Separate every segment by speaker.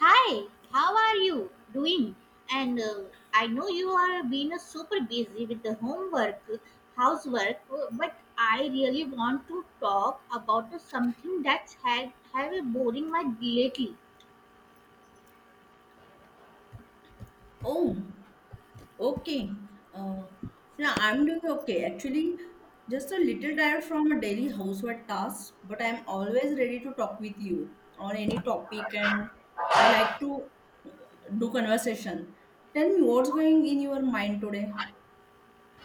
Speaker 1: Hi, how are you doing? And I know you are being super busy with the homework, housework, but I really want to talk about the something that's had have a boring my lately.
Speaker 2: Oh, okay. Uh, yeah, I'm doing okay. Actually, just a little tired from a daily housework task, but I'm always ready to talk with you on any topic, and I like to do conversation. Tell me what's going in your mind today.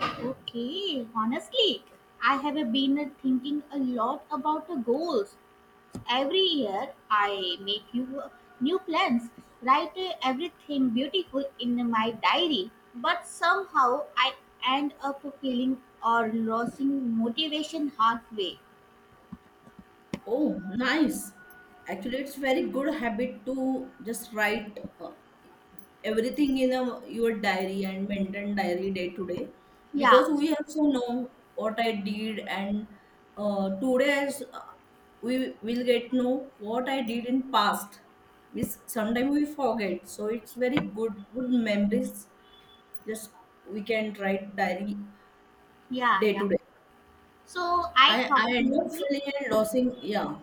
Speaker 1: Okay, honestly, I have been thinking a lot about the goals. Every year I make you new plans, write everything beautiful in my diary, but somehow I end up feeling or losing motivation halfway.
Speaker 2: Oh, nice. Actually, it's very good habit to just write everything in a, your diary and maintain diary day to day
Speaker 1: Yeah,
Speaker 2: because we also know what I did and today is, we will get know what I did in past. We sometimes we forget, so it's very good memories. Just we can write diary
Speaker 1: yeah,
Speaker 2: day
Speaker 1: yeah.
Speaker 2: to day.
Speaker 1: So I
Speaker 2: I
Speaker 1: thought
Speaker 2: end up
Speaker 1: maybe
Speaker 2: feeling and losing. Yeah,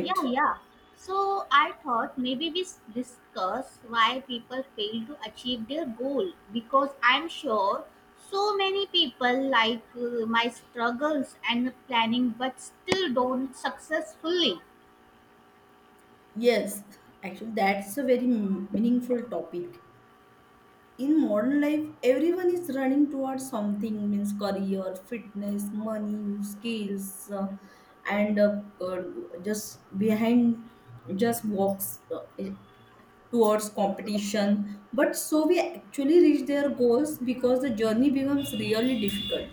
Speaker 1: Yeah, yeah. So I thought maybe discuss why people fail to achieve their goal, because I'm sure so many people like my struggles and planning but still don't successfully.
Speaker 2: Yes, actually, that's a very meaningful topic. In modern life, everyone is running towards something means career, fitness, money, skills, and just behind just walks towards competition. But so we actually reach their goals because the journey becomes really difficult.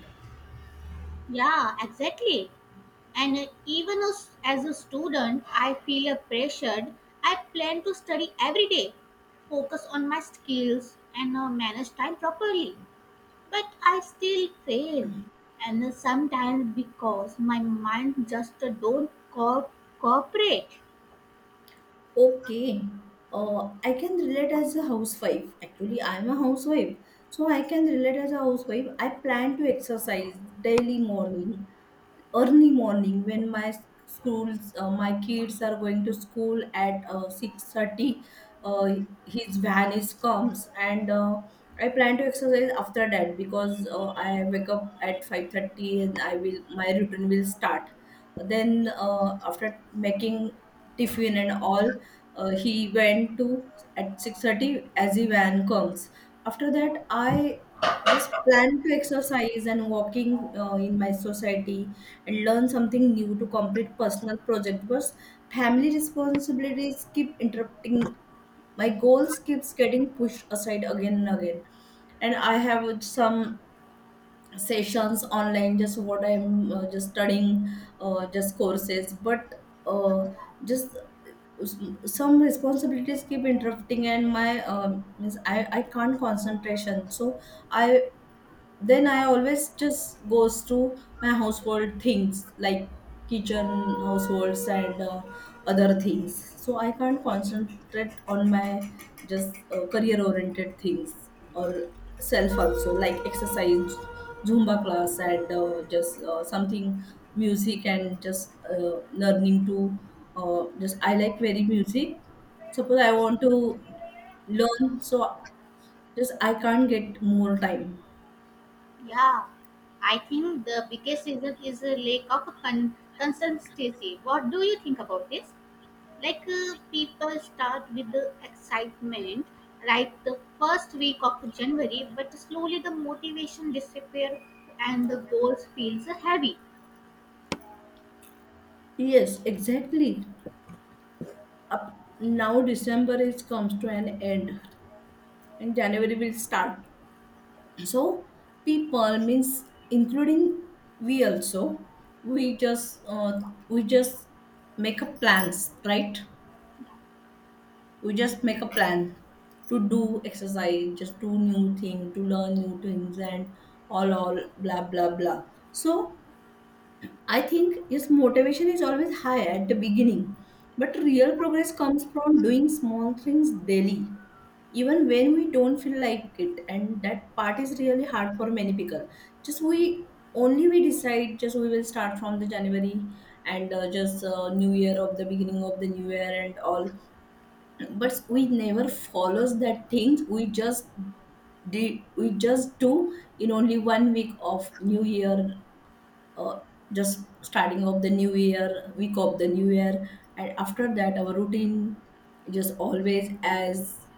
Speaker 1: Yeah, exactly. And even as a student, I feel pressured. I plan to study every day, focus on my skills, and manage time properly. But I still fail, and sometimes because my mind just don't cooperate.
Speaker 2: Okay. I can relate as a housewife. Actually, I'm a housewife. So I can relate as a housewife. I plan to exercise daily morning early morning when my schools my kids are going to school at 6:30 uh, his van is comes and I plan to exercise after that because I wake up at 5:30 and I will my routine will start then after making tiffin and all he went to at 6:30 as the van comes after that I just plan to exercise and walking in my society and learn something new to complete personal project because family responsibilities keep interrupting my goals keeps getting pushed aside again and again and I have some sessions online just what I'm just studying just courses but just some responsibilities keep interrupting and my means I can't concentration so I then I always just goes through my household things like kitchen households and other things so I can't concentrate on my just career oriented things or self also like exercise zumba class and just something music and just learning to just I like very music suppose I want to learn so just I can't get more time.
Speaker 1: Yeah, I think the biggest reason is a lack of consistency. What do you think about this? Like people start with the excitement, right, the first week of January, but slowly the motivation disappears and the goals feels heavy.
Speaker 2: Yes, exactly. Up now December is comes to an end and January will start. So people means including we also we just uh, we just make a plans, right? We just make a plan to do exercise, just do new thing, to learn new things and all blah blah blah. So I think yes, motivation is always high at the beginning, but real progress comes from doing small things daily, even when we don't feel like it. And that part is really hard for many people. Just we only we decide just we will start from the January and just New Year of the beginning of the New Year and all, but we never follows that things. We just do in only 1 week of new year uh, just starting of the new year week of the new year and after that our routine just always as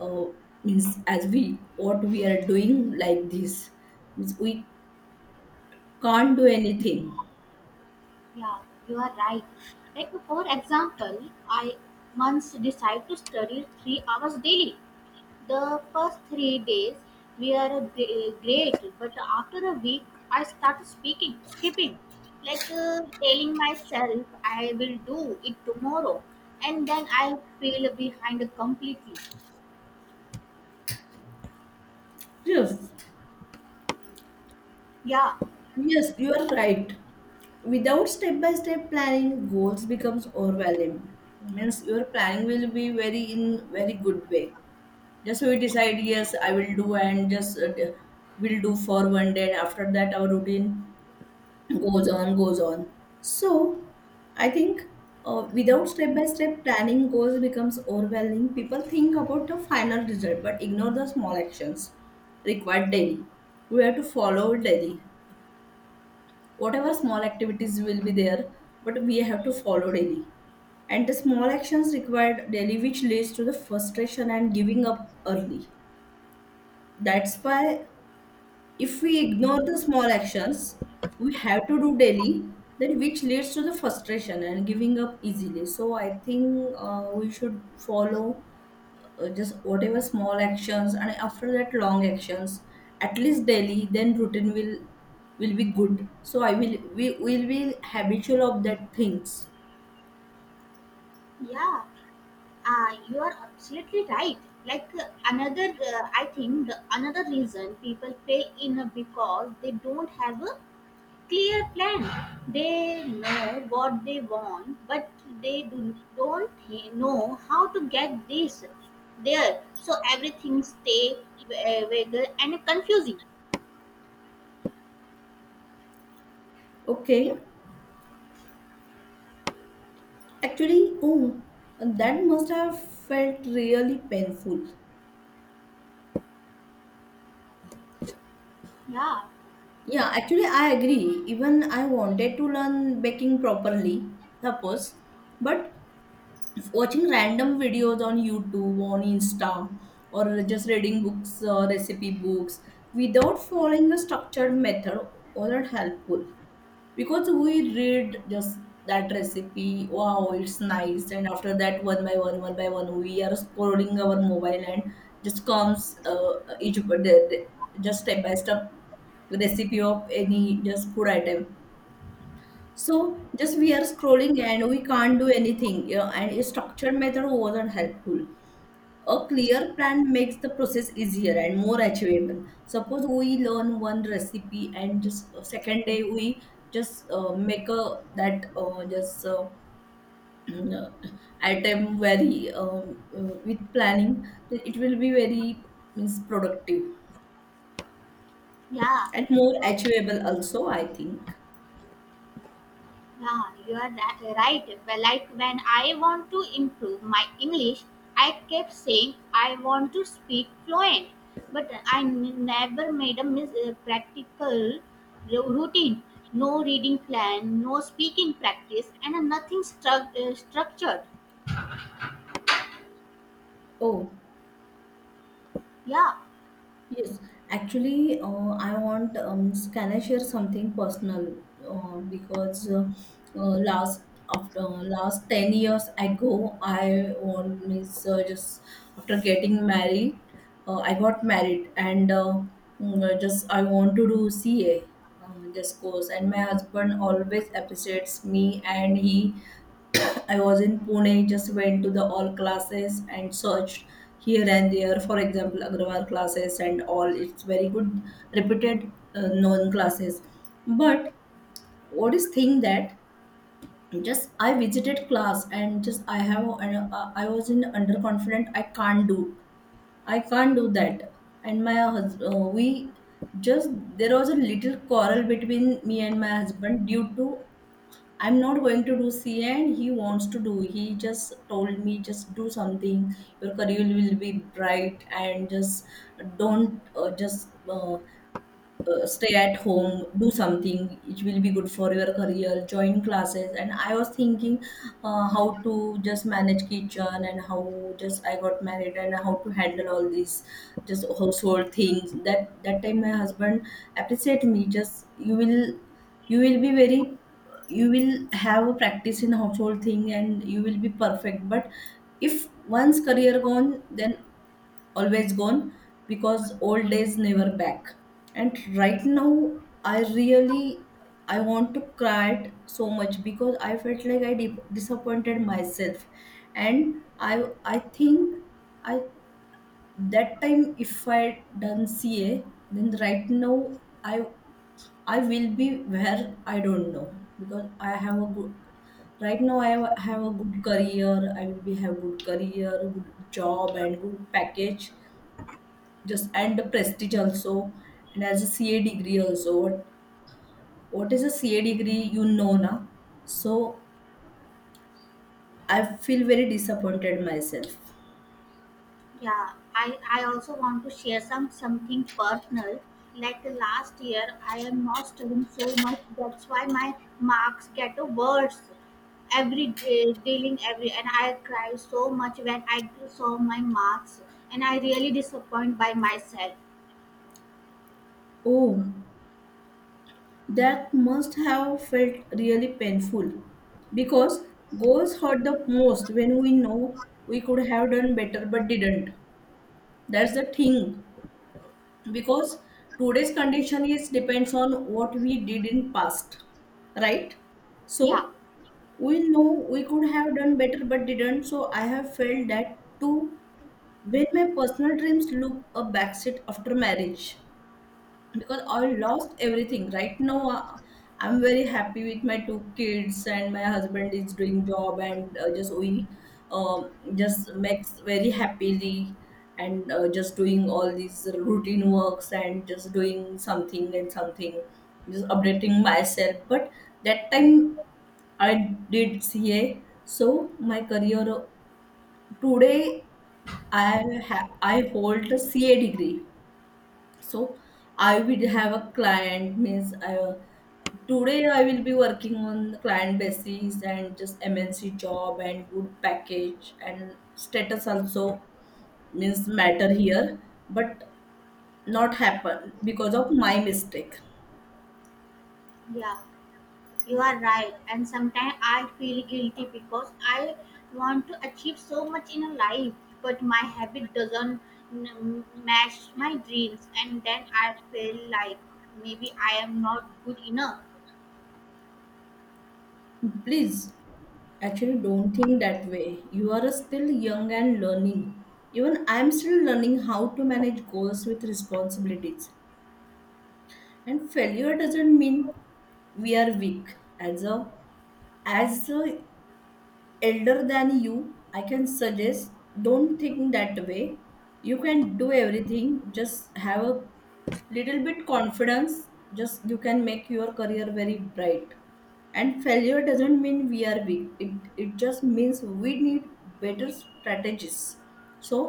Speaker 2: uh, means as we what we are doing like this means we can't do anything.
Speaker 1: Yeah, you are right. Like for example, I once decided to study 3 hours daily. The first three days were great, but after a week, I started speaking, skipping, like telling myself I will do it tomorrow, and then I feel behind completely.
Speaker 2: Yes
Speaker 1: Yeah,
Speaker 2: Yes, you are right. Without step-by-step planning, goals becomes overwhelming. Means your planning will be very in very good way. Just we decide, yes, I will do, and just will do for 1 day. And after that, our routine goes on. So, I think without step-by-step planning, goals becomes overwhelming. People think about the final result, but ignore the small actions required daily. We have to follow daily whatever small activities will be there but we have to follow daily and the small actions required daily which leads to the frustration and giving up early. That's why if we ignore the small actions we have to do daily then which leads to the frustration and giving up easily. So I think we should follow just whatever small actions and after that long actions at least daily then routine will be good so I will we will be habitual of that things.
Speaker 1: yeah. You are absolutely right. Like I think the another reason people fail in a because they don't have a clear plan. They know what they want, but they don't know how to get this there. So everything stay vague and confusing. Yeah,
Speaker 2: Okay, actually, oh, that must have felt really painful.
Speaker 1: yeah,
Speaker 2: Yeah, actually I agree. Even I wanted to learn baking properly suppose, but watching random videos on YouTube, on Insta, or just reading books, recipe books without following a structured method wasn't helpful because we read just that recipe wow it's nice and after that one by one we are scrolling our mobile and just comes each just step by step recipe of any just food item so just we are scrolling and we can't do anything, you know, and a structured method wasn't helpful. A clear plan makes the process easier and more achievable. Suppose we learn one recipe and just second day we just make a that just item very with planning, then it will be very means productive
Speaker 1: yeah.
Speaker 2: and more achievable also, I think.
Speaker 1: Yeah, you're right. Well, like when I want to improve my English, I kept saying I want to speak fluent, but I never made a practical routine. No reading plan, no speaking practice, and nothing structured.
Speaker 2: Oh,
Speaker 1: Yeah,
Speaker 2: yes, actually, I want. Can I share something personal? Because last after last 10 years ago, I want means just after getting married, I got married and just I want to do CA. This course and my husband always appreciates me and he I was in Pune, just went to the all classes and searched here and there. For example, Agrawal classes and all. It's very good, reputed, known classes. But what is thing that just I visited class and just I have I was in underconfident. I can't do. I can't do that. And my husband, we just there was a little quarrel between me and my husband due to I'm not going to do CA, and he wants to do. He just told me, just do something. Your career will be bright, and just don't just stay at home do something. It will be good for your career. Join classes and I was thinking how to just manage kitchen and how just I got married and how to handle all these just household things. That that time my husband appreciate me just you will be very you will have a practice in household thing and you will be perfect but if once career gone then always gone because old days never back. And right now I really I want to cry it so much because I felt like I disappointed myself. And i think I that time if I done ca then right now I I will be where I don't know because I have a good right now i have a good career. I will be have good career good job and good package just and the prestige also and as a ca degree also. What is a ca degree you know na? So I feel very disappointed myself.
Speaker 1: yeah, I also want to share some something personal. Like the last year, I am not studying so much. That's why my marks get worse every day, dealing every. And I cry so much when I saw my marks, and I really disappointed by myself.
Speaker 2: Oh, that must have felt really painful because goals hurt the most when we know we could have done better but didn't. That's the thing, because today's condition is depends on what we did in past, right? So
Speaker 1: Yeah,
Speaker 2: we know we could have done better but didn't. So I have felt that too when my personal dreams look a backseat after marriage because I lost everything right now. I'm very happy with my 2 kids and my husband is doing job and just we just makes very happily and just doing all these routine works and just doing something and something just updating myself. But that time I did CA, so my career today I have I hold a CA degree. So I will have a client means I today I will be working on the client basis and just MNC job and good package and status also means matter here, but not happen because of my mistake.
Speaker 1: yeah. You are right, and sometimes I feel guilty because I want to achieve so much in a life, but my habit doesn't mm, match my dreams, and then I feel like maybe I am not good enough.
Speaker 2: Please, actually, don't think that way. You are still young and learning. Even I'm still learning how to manage goals with responsibilities. And failure doesn't mean we are weak. As a elder than you, I can suggest don't think that way. You can do everything. Just have a little bit confidence. Just you can make your career very bright. And failure doesn't mean we are weak. It just means we need better strategies. So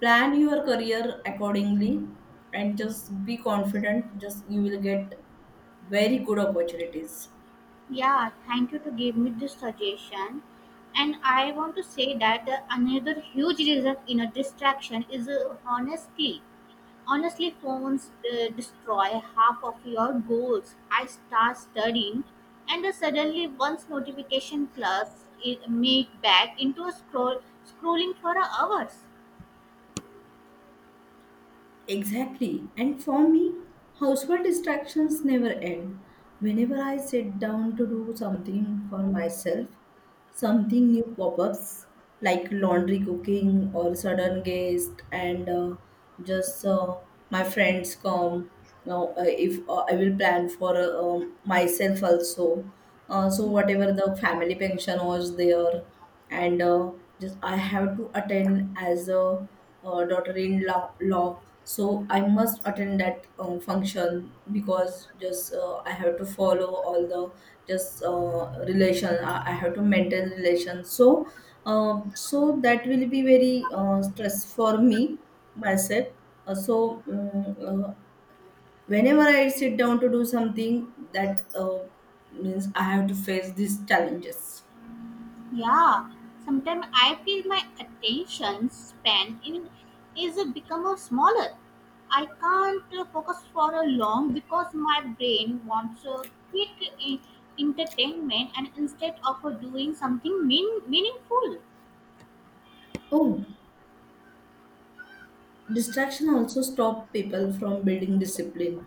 Speaker 2: plan your career accordingly and just be confident. Just you will get very good opportunities.
Speaker 1: Yeah, thank you to give me this suggestion. And I want to say that the another huge reason in a distraction is honesty. Honestly, phones destroy half of your goals. I start studying, and suddenly once notification plus it me back into a scrolling for hours.
Speaker 2: Exactly. And for me, household distractions never end. Whenever I sit down to do something for myself, something new pop ups like laundry, cooking, or sudden guest, and just my friends come. Now, if I will plan for myself also, so
Speaker 1: Yeah,
Speaker 2: whatever the family pension was there and just I have to attend as a, daughter-in-law. Law. So I must attend that function because just I have to follow all the just relation. I have to maintain relations. So so that will be very stress for me myself. Uh, so um, uh, whenever I sit down to do something, that means I have to face these challenges.
Speaker 1: yeah. Sometimes I feel my attention span in is become smaller. I can't focus for a long because my brain wants a quick entertainment and instead of doing something meaningful.
Speaker 2: Oh. Distraction also stop people from building discipline.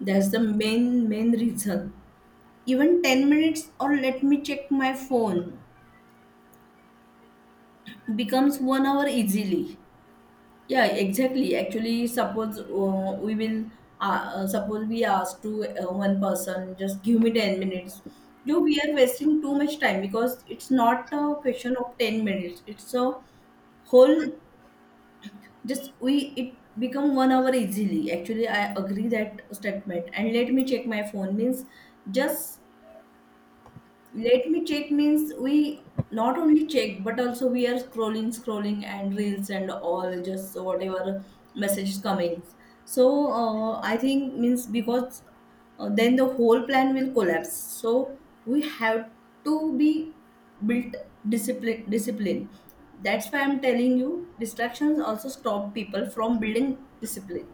Speaker 2: That's the main reason. Even 10 minutes or let me check my phone becomes 1 hour easily. Yeah, exactly. Actually, suppose we will suppose we ask to one person, just give me 10 minutes. No, we are wasting too much time because it's not a question of 10 minutes. It's a whole, just we it become 1 hour easily. Actually, I agree that statement. And let me check my phone means just let me check means we not only check but also we are scrolling, scrolling and reels and all, just whatever message coming. So I think means because then the whole plan will collapse. So we have to be built discipline. Discipline. That's why I'm telling you distractions also stop people from building discipline.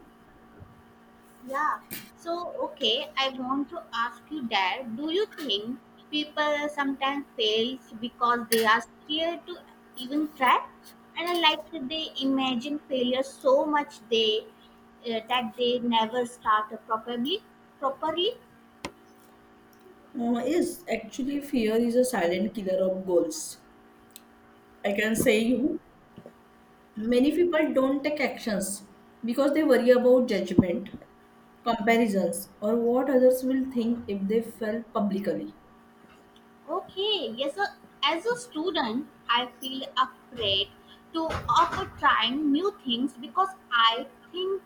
Speaker 1: Yeah. So, okay, I want to ask you that do you think people sometimes fails because they are scared to even try? And I like that they imagine failure so much they that they never start properly. Properly.
Speaker 2: Yes, actually, fear is a silent killer of goals. I can say you. Many people don't take actions because they worry about judgment, comparisons, or what others will think if they fail publicly.
Speaker 1: Okay, yes, so as a student, I feel afraid to of trying new things because I think,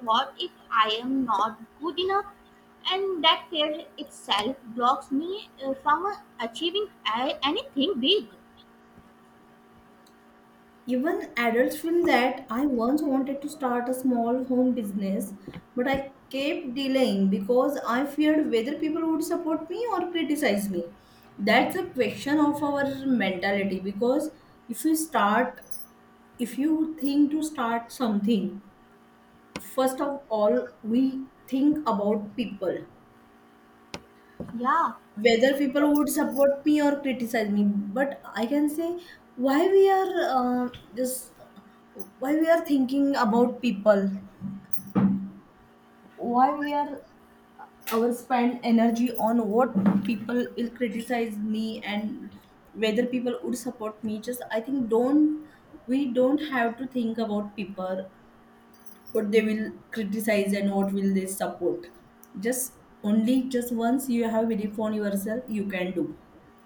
Speaker 1: what if I am not good enough? And that fear itself blocks me from achieving anything big.
Speaker 2: Even adults feel that. I once wanted to start a small home business, but I kept delaying because I feared whether people would support me or criticize me. That's a question of our mentality because if you start, if you think to start something, first of all, we think about people,
Speaker 1: Yeah,
Speaker 2: whether people would support me or criticize me. But I can say, why we are just why we are thinking about people, why we
Speaker 1: yeah.
Speaker 2: are our spend energy on what people will criticize me and whether people would support me? Just I think, don't, we don't have to think about people what they will criticize and what will they support. Just only, just once you have belief on yourself, you can do.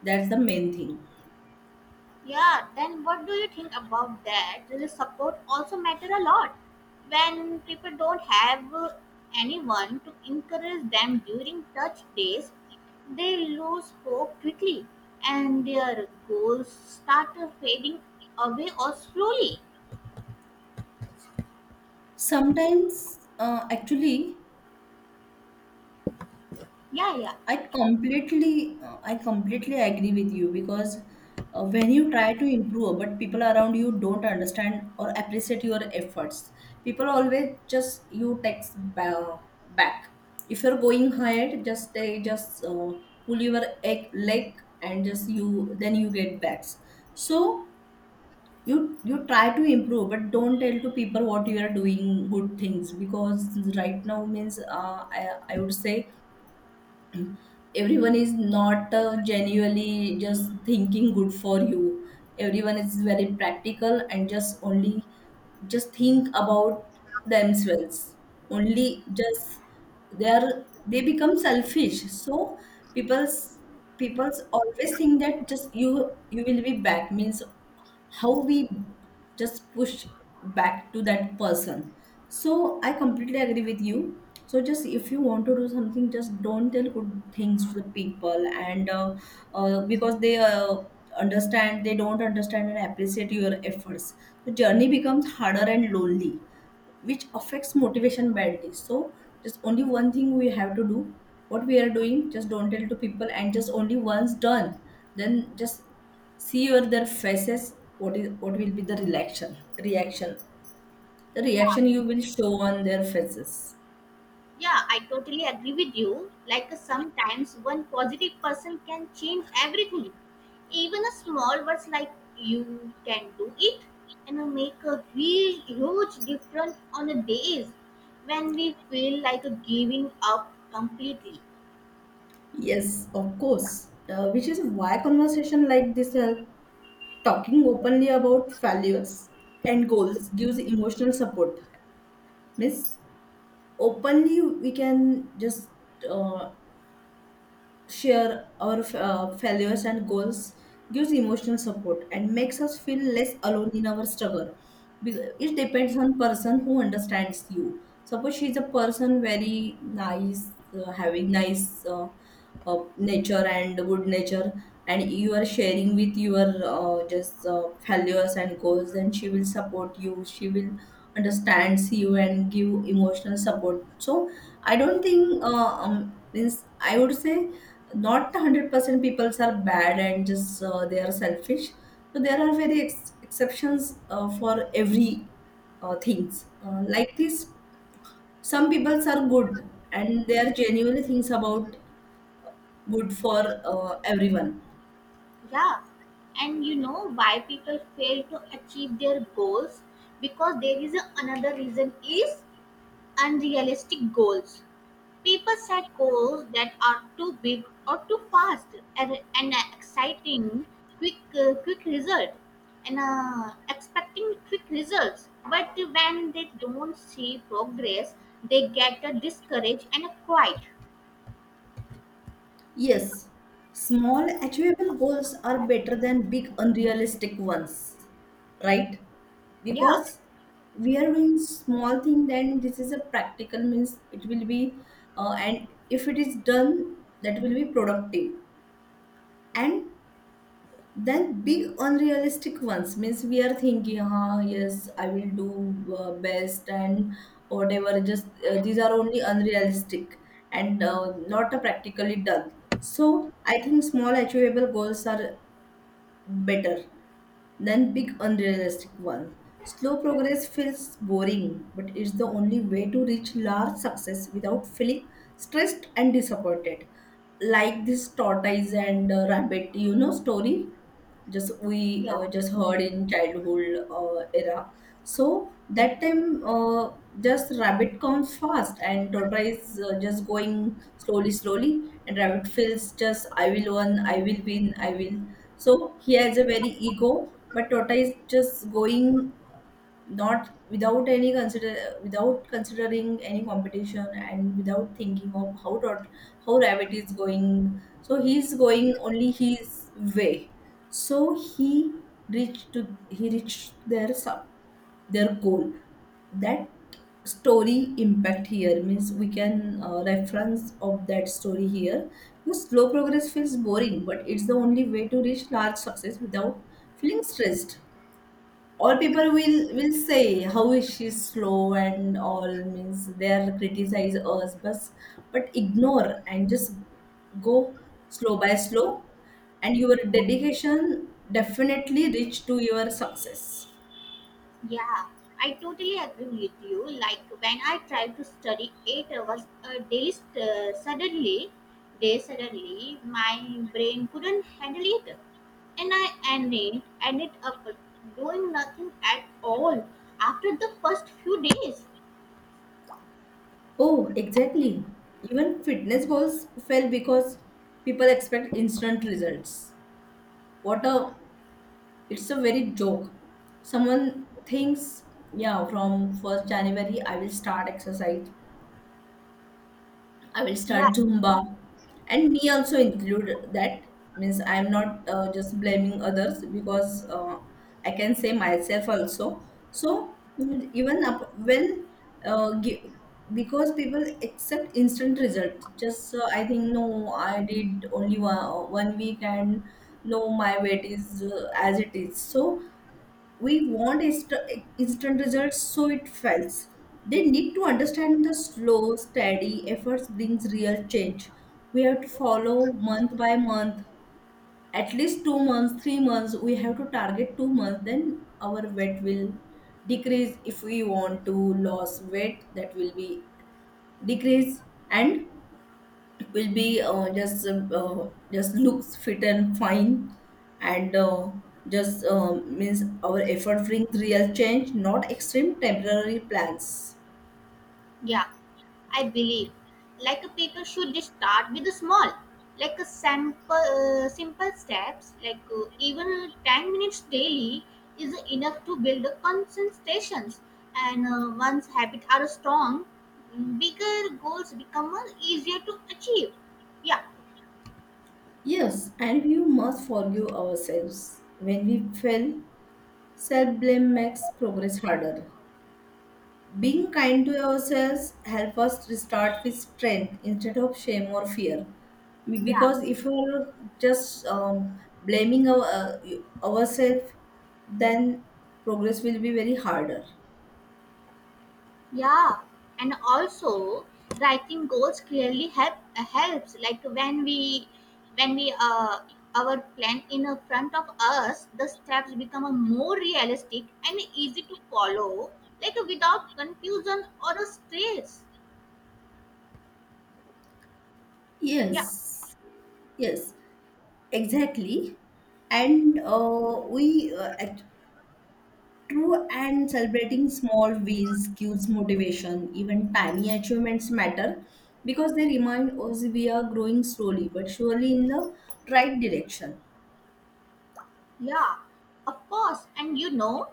Speaker 2: That's the main thing.
Speaker 1: Yeah, then what do you think about that? Does support also matter a lot? When people don't have anyone to encourage them during touch days, they lose hope quickly and their goals start fading away or slowly.
Speaker 2: Sometimes, uh, actually,
Speaker 1: Yeah, yeah,
Speaker 2: I completely agree with you because when you try to improve, but people around you don't understand or appreciate your efforts. People always just you text back. If you're going ahead, just they just pull your leg, and just you then you get backs. So you try to improve but don't tell to people what you are doing good things because right now means I would say everyone is not genuinely just thinking good for you. Everyone is very practical and just only just think about themselves only. Just they become selfish. So people's people's always think that just you will be back means how we just push back to that person. So I completely agree with you. So just if you want to do something, just don't tell good things to the people, and because they understand they don't understand and appreciate your efforts, the journey becomes harder and lonely, which affects motivation badly. So just only one thing we have to do, what we are doing, just don't tell to people, and just only once done, then just see your their faces, what is what will be the reaction. Reaction, the
Speaker 1: yeah.
Speaker 2: reaction you will show on their faces.
Speaker 1: Yeah, I totally agree with you. Like sometimes one positive person can change everything. Even a small words like you can do it and make a huge, huge difference on a days when we feel like giving up completely.
Speaker 2: Yes, of course. Which is why conversation like this help. Talking openly about failures and goals gives emotional support. Means openly we can just uh, share our failures and goals, gives emotional support and makes us feel less alone in our struggle. It depends on person who understands you. Suppose she's a person very nice, having nice nature and good nature, and you are sharing with your just failures and goals, then she will support you, she will understands you and give emotional support. So I don't think means I would say not 100% people are bad and just they are selfish. So there are very exceptions for every things like this. Some people are good and they are genuinely things about good for everyone.
Speaker 1: Yeah, and you know why people fail to achieve their goals, because there is a, another reason is unrealistic goals. People set goals that are too big or too fast, and an exciting quick quick result, and expecting quick results. But when they don't see progress, they get discouraged and quiet.
Speaker 2: Yes, small achievable goals are better than big unrealistic ones, right?
Speaker 1: Yeah,
Speaker 2: Because we are doing small thing, then this is a practical means it will be, and if it is done, that will be productive. And then big unrealistic ones means we are thinking, "Huh, yes, I will do best, and whatever just these are only unrealistic and not practically done." So I think small achievable goals are better then big unrealistic one. Slow progress feels boring, but it's the only way to reach large success without feeling stressed and disappointed. Like this tortoise and rabbit, you know, story, just we
Speaker 1: yeah.
Speaker 2: just heard in childhood era. So that time, just rabbit comes fast and tortoise just going slowly, slowly, and rabbit feels, just I will win, I will win, I will. So he has a very ego, but Tota is just going not without any consider, without considering any competition and without thinking of how dot how rabbit is going. So he's going only his way. So he reached to he reached their goal. That story impact here means we can reference of that story here, because slow progress feels boring but it's the only way to reach large success without feeling stressed. All people will say how is she slow and all. Means they'll criticize us, but ignore and just go slow by slow, and your dedication definitely reach to your success.
Speaker 1: Yeah, I totally agree with you. Like when I tried to study 8 hours a day, suddenly, my brain couldn't handle it, and I ended up doing nothing at all after the first few days.
Speaker 2: Oh, exactly. Even fitness goals fail because people expect instant results. What a, it's a very joke. Someone thinks, yeah, from 1st January I will start exercise. I will start
Speaker 1: Yeah,
Speaker 2: Zumba. And me also include that. Means I'm not just blaming others, because I can say myself also. So mm, even up when uh, gi- because people accept instant result. Just I think no, I did only 1 week and no, my weight is as it is. So we want instant results, so it fails. They need to understand the slow steady efforts brings real change. We have to follow month by month, at least 2 months, 3 months. We have to target 2 months, then our weight will decrease. If we want to lose weight, that will be decrease, and will be just looks fit and fine, and just means our effort brings real change, not extreme temporary plans.
Speaker 1: yeah, I believe. Like a people should just start with the small, like a simple steps, like even 10 minutes daily is enough to build a concentrations. And once habits are strong, bigger goals become easier to achieve. Yeah,
Speaker 2: Yes, and we must forgive ourselves when we fail. Self blame makes progress harder. Being kind to ourselves help us restart with strength instead of shame or fear.
Speaker 1: yeah.
Speaker 2: Because if we're just blaming ourselves, then progress will be very harder.
Speaker 1: Yeah, and also writing goals clearly helps. Like when we our plan in front of us, the steps become a more realistic and easy to follow, like without confusion or a stress. Yeah,
Speaker 2: Yes, yes, exactly. And uh, we uh, act- True, and celebrating small wins gives motivation. Even tiny achievements matter because they remind us we are growing slowly but surely in the right direction.
Speaker 1: yeah, of course. And you know,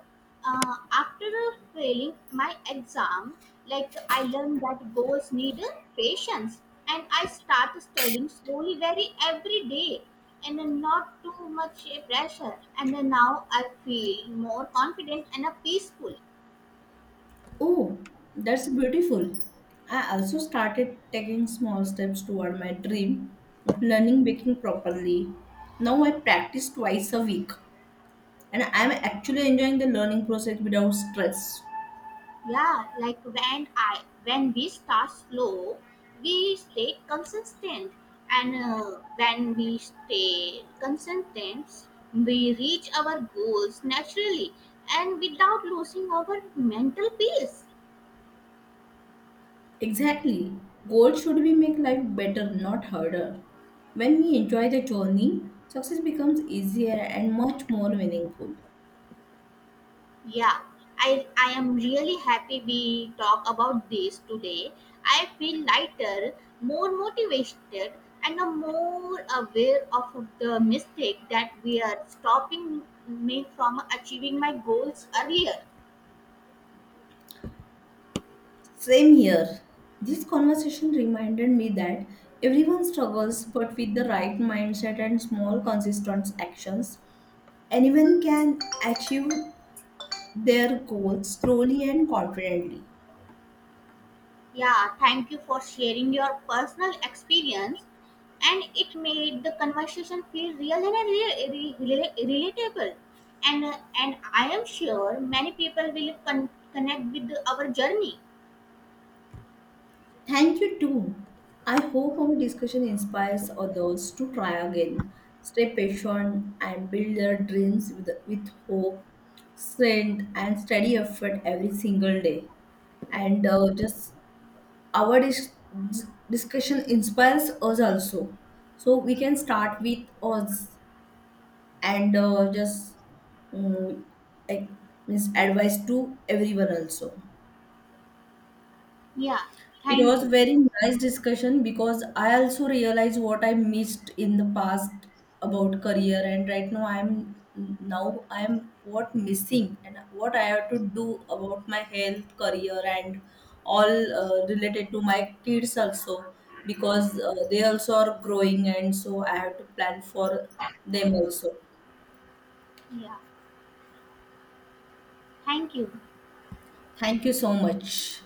Speaker 1: after failing my exam, like I learned that goals need patience, and I start studying slowly, very every day, and then not too much pressure. And then now I feel more confident and peaceful.
Speaker 2: Oh, that's beautiful. I also started taking small steps toward my dream of learning baking properly. Now I practice twice a week and I'm actually enjoying the learning process without stress.
Speaker 1: Yeah, like when we start slow, we stay consistent, and when we stay consistent, we reach our goals naturally and without losing our mental peace.
Speaker 2: Exactly. Goals should be make life better, not harder. When we enjoy the journey, success becomes easier and much more meaningful.
Speaker 1: Yeah, I am really happy we talk about this today. I feel lighter, more motivated, and a more aware of the mistake that we are stopping me from achieving my goals earlier.
Speaker 2: Same here. This conversation reminded me that everyone struggles, but with the right mindset and small, consistent actions, anyone can achieve their goals slowly and confidently.
Speaker 1: Yeah, thank you for sharing your personal experience, and it made the conversation feel real and relatable. And I am sure many people will connect with our journey.
Speaker 2: Thank you too. I hope our discussion inspires others to try again, stay patient, and build their dreams with hope, strength, and steady effort every single day. And just our discussion inspires us also. So we can start with us and just um, like, means advice to everyone also.
Speaker 1: Yeah,
Speaker 2: It
Speaker 1: thank
Speaker 2: was
Speaker 1: you.
Speaker 2: very nice discussion because I also realized what I missed in the past about career, and right now I'm, now I'm what missing and what I have to do about my health, career, and all related to my kids also, because they also are growing, and so I have to plan for them also.
Speaker 1: Yeah, thank you.
Speaker 2: Thank you so much.